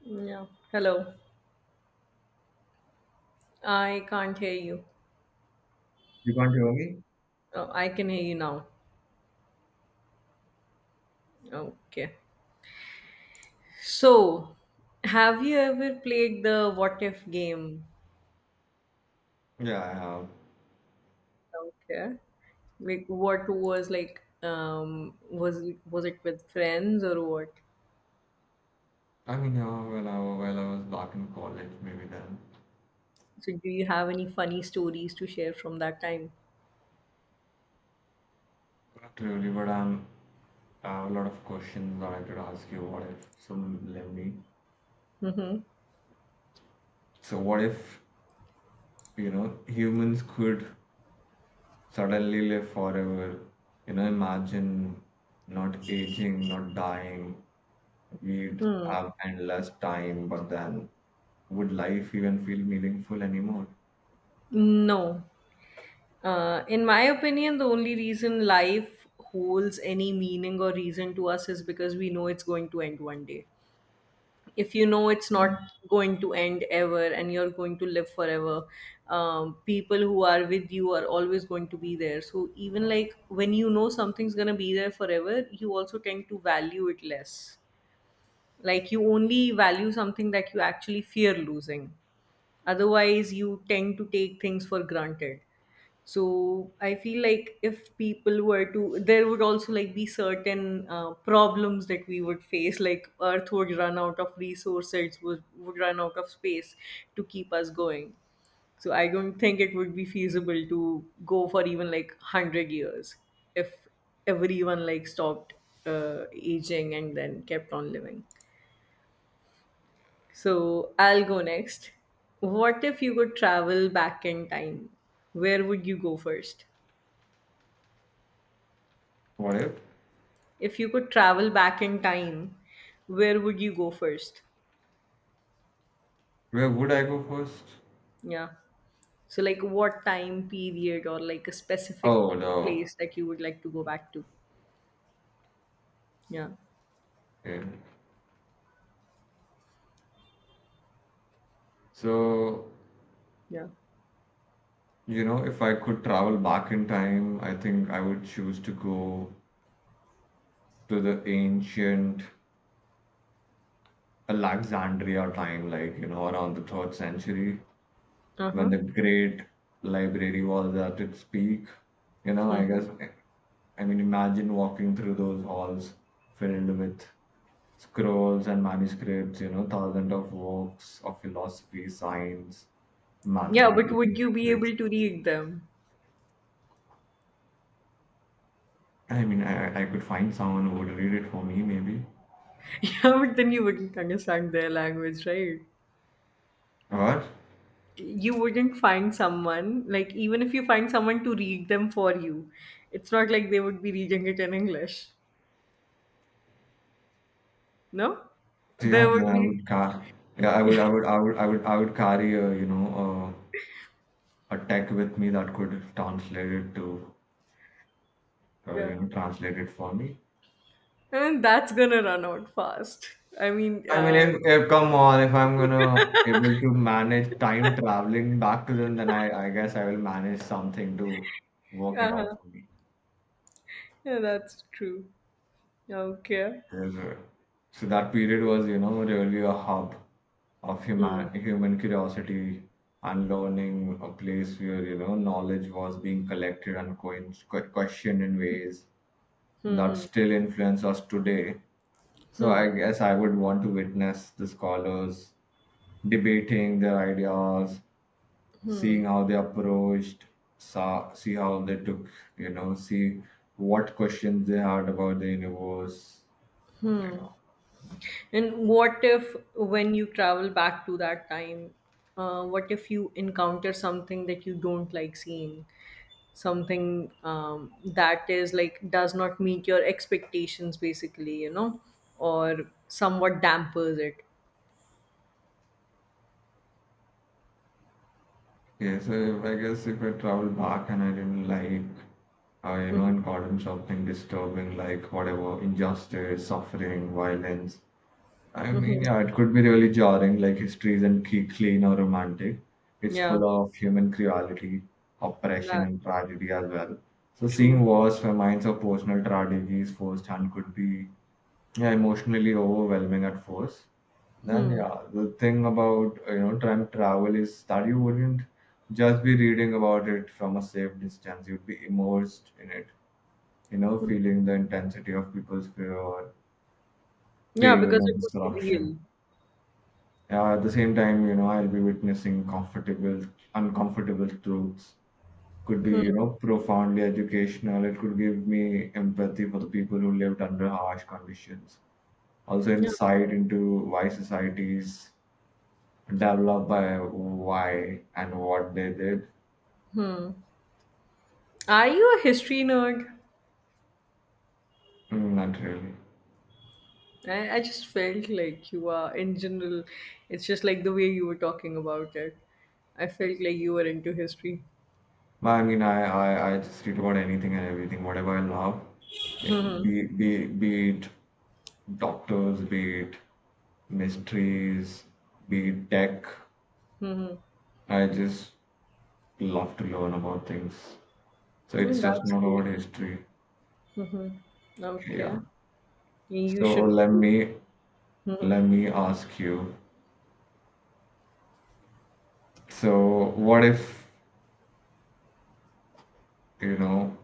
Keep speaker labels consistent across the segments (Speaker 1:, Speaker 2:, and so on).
Speaker 1: Yeah. Hello. I can't hear you.
Speaker 2: You can't hear me?
Speaker 1: Oh, I can hear you now. Okay. So, have you ever played the what if game?
Speaker 2: Yeah, I have.
Speaker 1: Okay. Like what was like was it with friends or what?
Speaker 2: I mean, when while I was back in college, maybe then.
Speaker 1: So do you have any funny stories to share from that time?
Speaker 2: Not really, but I have a lot of questions that I could ask you. What if some let me?
Speaker 1: Mm-hmm.
Speaker 2: So what if, you know, humans could suddenly live forever? You know, imagine not aging, not dying. We'd
Speaker 1: Hmm.
Speaker 2: have endless time, but then would life even feel meaningful anymore?
Speaker 1: No. In my opinion, the only reason life holds any meaning or reason to us is because we know it's going to end one day. If you know it's not
Speaker 2: Hmm.
Speaker 1: going to end ever and you're going to live forever people who are with you are always going to be there so even like when you know something's going to be there forever you also tend to value it less like you only value something that you actually fear losing otherwise you tend to take things for granted so I feel like if people were to there would also like be certain problems that we would face like earth would run out of resources would run out of space to keep us going so I don't think it would be feasible to go for even like 100 years if everyone like stopped aging and then kept on living so I'll go next what if you could travel back in time where would you go first.
Speaker 2: What if?
Speaker 1: If you could travel back in time, where would you go first?
Speaker 2: Where would I go first?
Speaker 1: Yeah. So, like, what time period or like a specific
Speaker 2: Oh no.
Speaker 1: place that you would like to go back to? Yeah.
Speaker 2: Okay. So,
Speaker 1: Yeah.
Speaker 2: you know, if I could travel back in time, I think I would choose to go to the ancient Alexandria time, like, you know, around the third century,
Speaker 1: Uh
Speaker 2: when
Speaker 1: huh.
Speaker 2: the great library was at its peak. You know, I
Speaker 1: Hmm.
Speaker 2: guess, I mean, imagine walking through those halls filled with scrolls and manuscripts, you know, thousands of works of philosophy, science,
Speaker 1: Yeah, but
Speaker 2: mathematics,
Speaker 1: would
Speaker 2: and
Speaker 1: you be able
Speaker 2: literature.
Speaker 1: to read them?
Speaker 2: I mean, I could find someone who would read it for me, maybe.
Speaker 1: Yeah, but then you wouldn't understand their language, right?
Speaker 2: What?
Speaker 1: You wouldn't find someone, like, even if you find someone to read them for you, it's not like they would be reading it in English. No? There
Speaker 2: Yeah, then
Speaker 1: would
Speaker 2: I
Speaker 1: be,
Speaker 2: would car. Yeah, I would, I would, I would, I would, I would carry a, you know, a tech with me that could translate it to,
Speaker 1: yeah.
Speaker 2: you know, translate it for me.
Speaker 1: And that's gonna run out fast. I mean,
Speaker 2: I mean,
Speaker 1: uh,
Speaker 2: if come on, if I'm gonna able to manage time traveling back to then I guess I will manage something to work it
Speaker 1: uh
Speaker 2: out for me.
Speaker 1: yeah, that's true. Okay.
Speaker 2: Yes, so that period was, you know, really a hub of human curiosity and learning, a place where, you know, knowledge was being collected and questioned in ways that still influence us today. So I guess I would want to witness the scholars debating their ideas, seeing how they approached, saw, see how they took, you know, see what questions they had about the universe, and, you know.
Speaker 1: And what if when you travel back to that time, what if you encounter something that you don't like seeing? Something that is like does not meet your expectations, basically, you know, or somewhat dampers it.
Speaker 2: Okay, so if, I guess if I travel back and I didn't like, you know,
Speaker 1: Mm-hmm.
Speaker 2: and gotten something disturbing like whatever, injustice, suffering, violence. I
Speaker 1: Mm-hmm.
Speaker 2: mean, yeah, it could be really jarring, like history isn't clean or romantic. It's
Speaker 1: Yeah,
Speaker 2: full of human cruelty, oppression,
Speaker 1: that
Speaker 2: and tragedy as well. So seeing
Speaker 1: true.
Speaker 2: wars, famines, or personal tragedies firsthand could be, yeah, emotionally overwhelming at first. Then yeah, the thing about you know, time travel is that you wouldn't just be reading about it from a safe distance. You'd be immersed in it, you know, feeling the intensity of people's fear or
Speaker 1: Yeah,
Speaker 2: pain
Speaker 1: because
Speaker 2: or
Speaker 1: it would be
Speaker 2: disruption.
Speaker 1: real.
Speaker 2: Yeah, at the same time, you know, I'll be witnessing uncomfortable truths. Could be, you know, profoundly educational. It could give me empathy for the people who lived under harsh conditions. Also
Speaker 1: Yeah.
Speaker 2: insight into why societies developed by why and what they did.
Speaker 1: Are you a history nerd?
Speaker 2: Mm, not really.
Speaker 1: I just felt like you are in general. It's just like the way you were talking about it. I felt like you were into history.
Speaker 2: But I mean, I just read about anything and everything, whatever I love, be it doctors, be it mysteries, be it tech. I just love to learn about things. So it's
Speaker 1: Mm,
Speaker 2: just
Speaker 1: that's
Speaker 2: not
Speaker 1: great.
Speaker 2: about history. Yeah.
Speaker 1: Okay, you
Speaker 2: So
Speaker 1: should.
Speaker 2: let
Speaker 1: Mhm.
Speaker 2: me ask you. So what if, you know,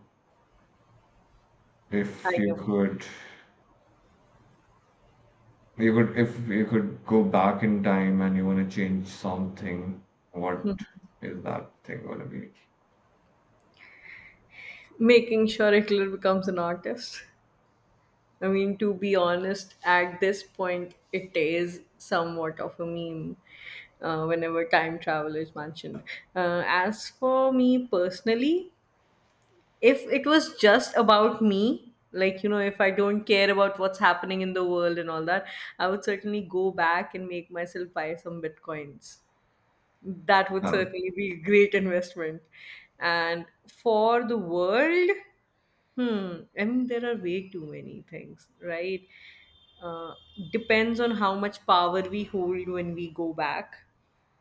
Speaker 1: I
Speaker 2: if you
Speaker 1: know.
Speaker 2: could, you could, if you could go back in time and you want to change something, what is that thing gonna be?
Speaker 1: Making sure Hitler becomes an artist. I mean, to be honest, at this point, it is somewhat of a meme whenever time travel is mentioned. As for me personally, if it was just about me like you know if I don't care about what's happening in the world and all that I would certainly go back and make myself buy some bitcoins that would
Speaker 2: Um,
Speaker 1: certainly be a great investment. And for the world, hmm, I mean, there are way too many things, right? Uh, Depends on how much power we hold when we go back.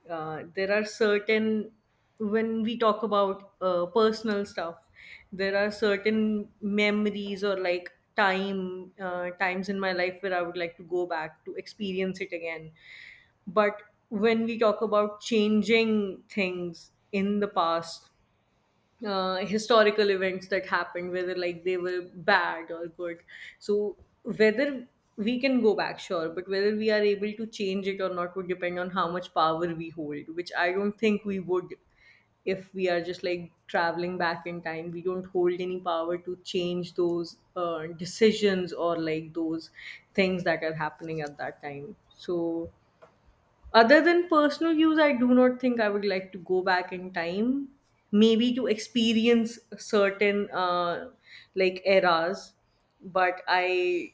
Speaker 1: There are certain, when we talk about personal stuff, there are certain memories or like times in my life where I would like to go back to experience it again but when we talk about changing things in the past, historical events that happened, whether like they were bad or good, so whether we can go back, sure, but whether we are able to change it or not would depend on how much power we hold, which I don't think we would if we are just like traveling back in time. We don't hold any power to change those decisions or like those things that are happening at that time. So other than personal use, I do not think I would like to go back in time, maybe to experience certain like eras, but I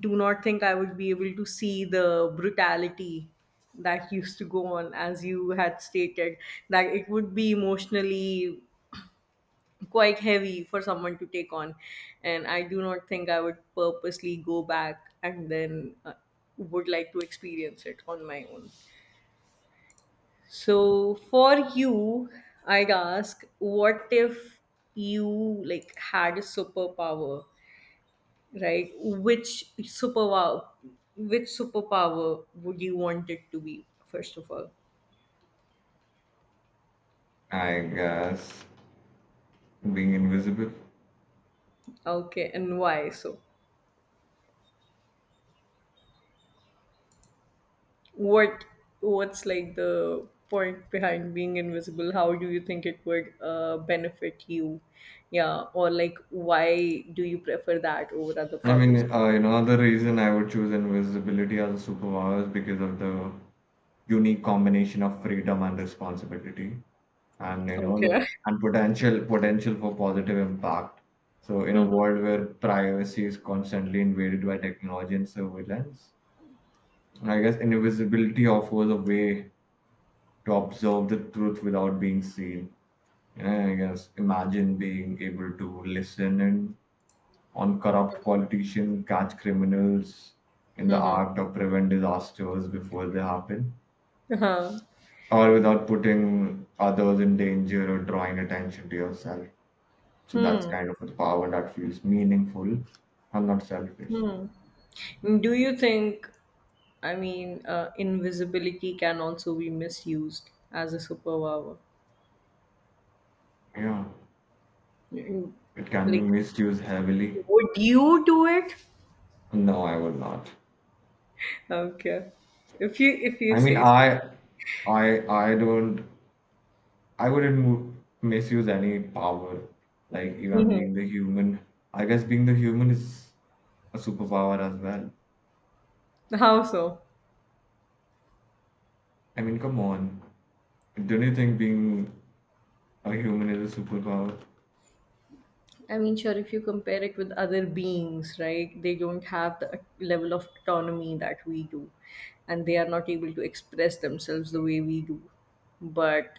Speaker 1: do not think I would be able to see the brutality that used to go on, as you had stated, that it would be emotionally quite heavy for someone to take on. And I do not think I would purposely go back and then would like to experience it on my own. So for you, I'd ask, what if you like had a superpower, right? Which superpower would you want it to be, first of all?
Speaker 2: I guess being invisible.
Speaker 1: Okay, and why? So what what's like the point behind being invisible? How do you think it would benefit you? Yeah, or like why do you prefer that over other
Speaker 2: I
Speaker 1: powers?
Speaker 2: mean, you know, the reason I would choose invisibility as a superpower is because of the unique combination of freedom and responsibility, and, you know,
Speaker 1: Okay.
Speaker 2: the and potential for positive impact. So, in a
Speaker 1: uh
Speaker 2: world where privacy is constantly invaded by technology and surveillance, I guess invisibility offers a way to observe the truth without being seen. And I guess imagine being able to listen in on corrupt politicians, catch criminals in the act, or prevent disasters before they happen,
Speaker 1: Uh-huh.
Speaker 2: or without putting others in danger or drawing attention to yourself. So that's kind of a power that feels meaningful and not selfish.
Speaker 1: Do you think, invisibility can also be misused as a superpower?
Speaker 2: Yeah,
Speaker 1: Mm.
Speaker 2: it can be
Speaker 1: Like,
Speaker 2: misused heavily.
Speaker 1: would you do it?
Speaker 2: No, I will not.
Speaker 1: Okay, if you
Speaker 2: I mean,
Speaker 1: say so.
Speaker 2: I don't. I wouldn't misuse any power, like even
Speaker 1: Mhm.
Speaker 2: being the human. I guess being the human is a superpower as well.
Speaker 1: How so?
Speaker 2: I mean, come on. Don't you think being a human is a superpower?
Speaker 1: I mean, sure, if you compare it with other beings, right, they don't have the level of autonomy that we do, and they are not able to express themselves the way we do. But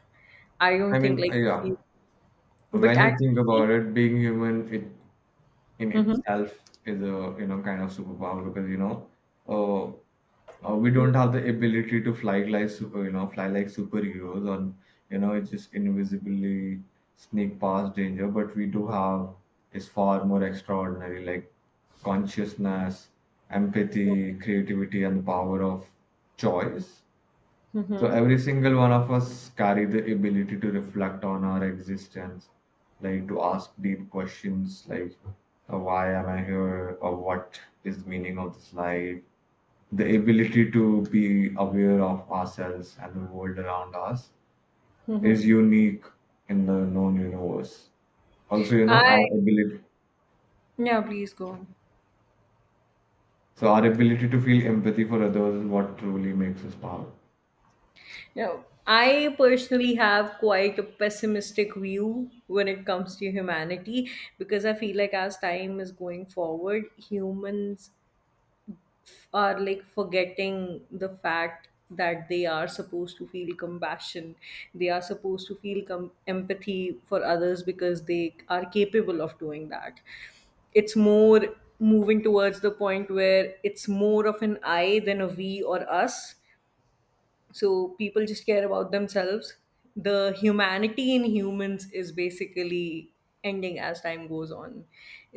Speaker 1: I don't
Speaker 2: I
Speaker 1: think,
Speaker 2: mean,
Speaker 1: like,
Speaker 2: yeah.
Speaker 1: if you- but
Speaker 2: When
Speaker 1: at
Speaker 2: you think
Speaker 1: the same,
Speaker 2: about it, being human it in
Speaker 1: Mhm.
Speaker 2: itself is a, you know, kind of superpower because, you know, uh, we don't have the ability to fly like super, you know, fly like superheroes or, you know, it's just invisibly sneak past danger, but we do have is far more extraordinary, like consciousness, empathy, creativity, and the power of choice. So
Speaker 1: Mhm.
Speaker 2: every single one of us carry the ability to reflect on our existence, like to ask deep questions like, why am I here or what is the meaning of this life? The ability to be aware of ourselves and the world around us is unique in the known universe. Also, you know,
Speaker 1: I.
Speaker 2: our ability
Speaker 1: Yeah, please go on.
Speaker 2: so our ability to feel empathy for others is what truly makes us powerful.
Speaker 1: Now, I personally have quite a pessimistic view when it comes to humanity because I feel like as time is going forward, humans are like forgetting the fact that they are supposed to feel compassion. They are supposed to feel empathy for others because they are capable of doing that. It's more moving towards the point where it's more of an I than a we or us so people just care about themselves the humanity in humans is basically ending as time goes on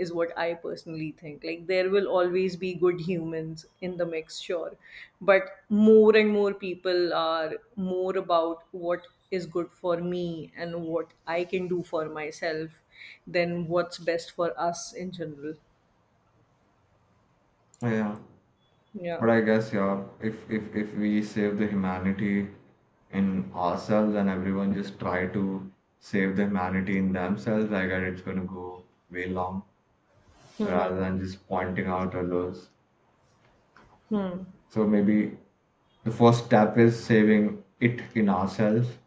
Speaker 1: is what I personally think like there will always be good humans in the mix sure but more and more people are more about what is good for me and what I can do for myself than what's best for us in general
Speaker 2: Yeah.
Speaker 1: yeah
Speaker 2: But I guess yeah, if if we save the humanity in ourselves and everyone just try to save the humanity in themselves, I guess it's gonna go way long rather than just pointing out others. So maybe the first step is saving it in ourselves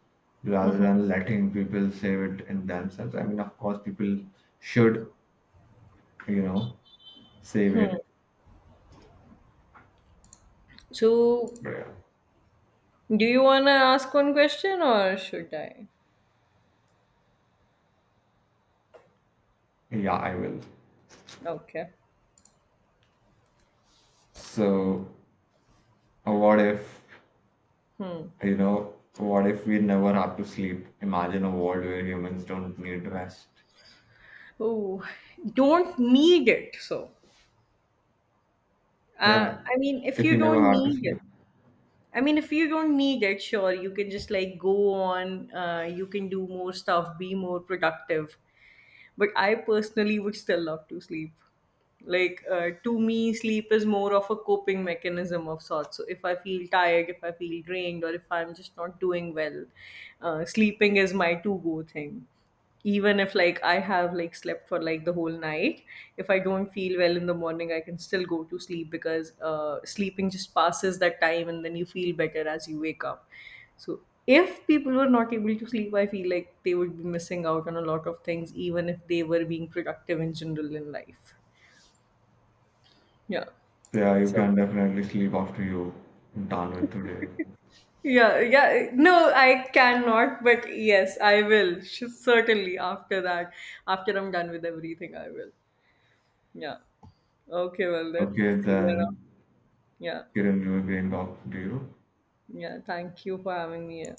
Speaker 2: rather than letting people save it in themselves. I mean, of course, people should, you know, save it.
Speaker 1: so
Speaker 2: But yeah,
Speaker 1: do you want to ask one question or should i.
Speaker 2: yeah, I will.
Speaker 1: Okay.
Speaker 2: So, what if? You know, what if we never have to sleep? Imagine a world where humans don't need rest.
Speaker 1: Oh, don't need it. So,
Speaker 2: Yeah,
Speaker 1: I mean, if
Speaker 2: if
Speaker 1: you
Speaker 2: you never
Speaker 1: don't
Speaker 2: have to
Speaker 1: need
Speaker 2: sleep.
Speaker 1: it, I mean, if you don't need it, sure, you can just like go on, you can do more stuff, be more productive. But I personally would still love to sleep. Like, to me, sleep is more of a coping mechanism of sorts. So, if I feel tired, if I feel drained, or if I'm just not doing well, sleeping is my to go thing even if like I have like slept for like the whole night if I don't feel well in the morning I can still go to sleep because sleeping just passes that time and then you feel better as you wake up so if people were not able to sleep I feel like they would be missing out on a lot of things even if they were being productive in general in life yeah
Speaker 2: So yeah, you
Speaker 1: so
Speaker 2: can definitely sleep after you done with today.
Speaker 1: yeah yeah no I cannot but yes I will certainly after that after I'm done with everything I will. Yeah. Okay, well then,
Speaker 2: Okay,
Speaker 1: see you around.
Speaker 2: then
Speaker 1: Yeah.
Speaker 2: Kiran, you again talk to you.
Speaker 1: Yeah. Thank you for having me here.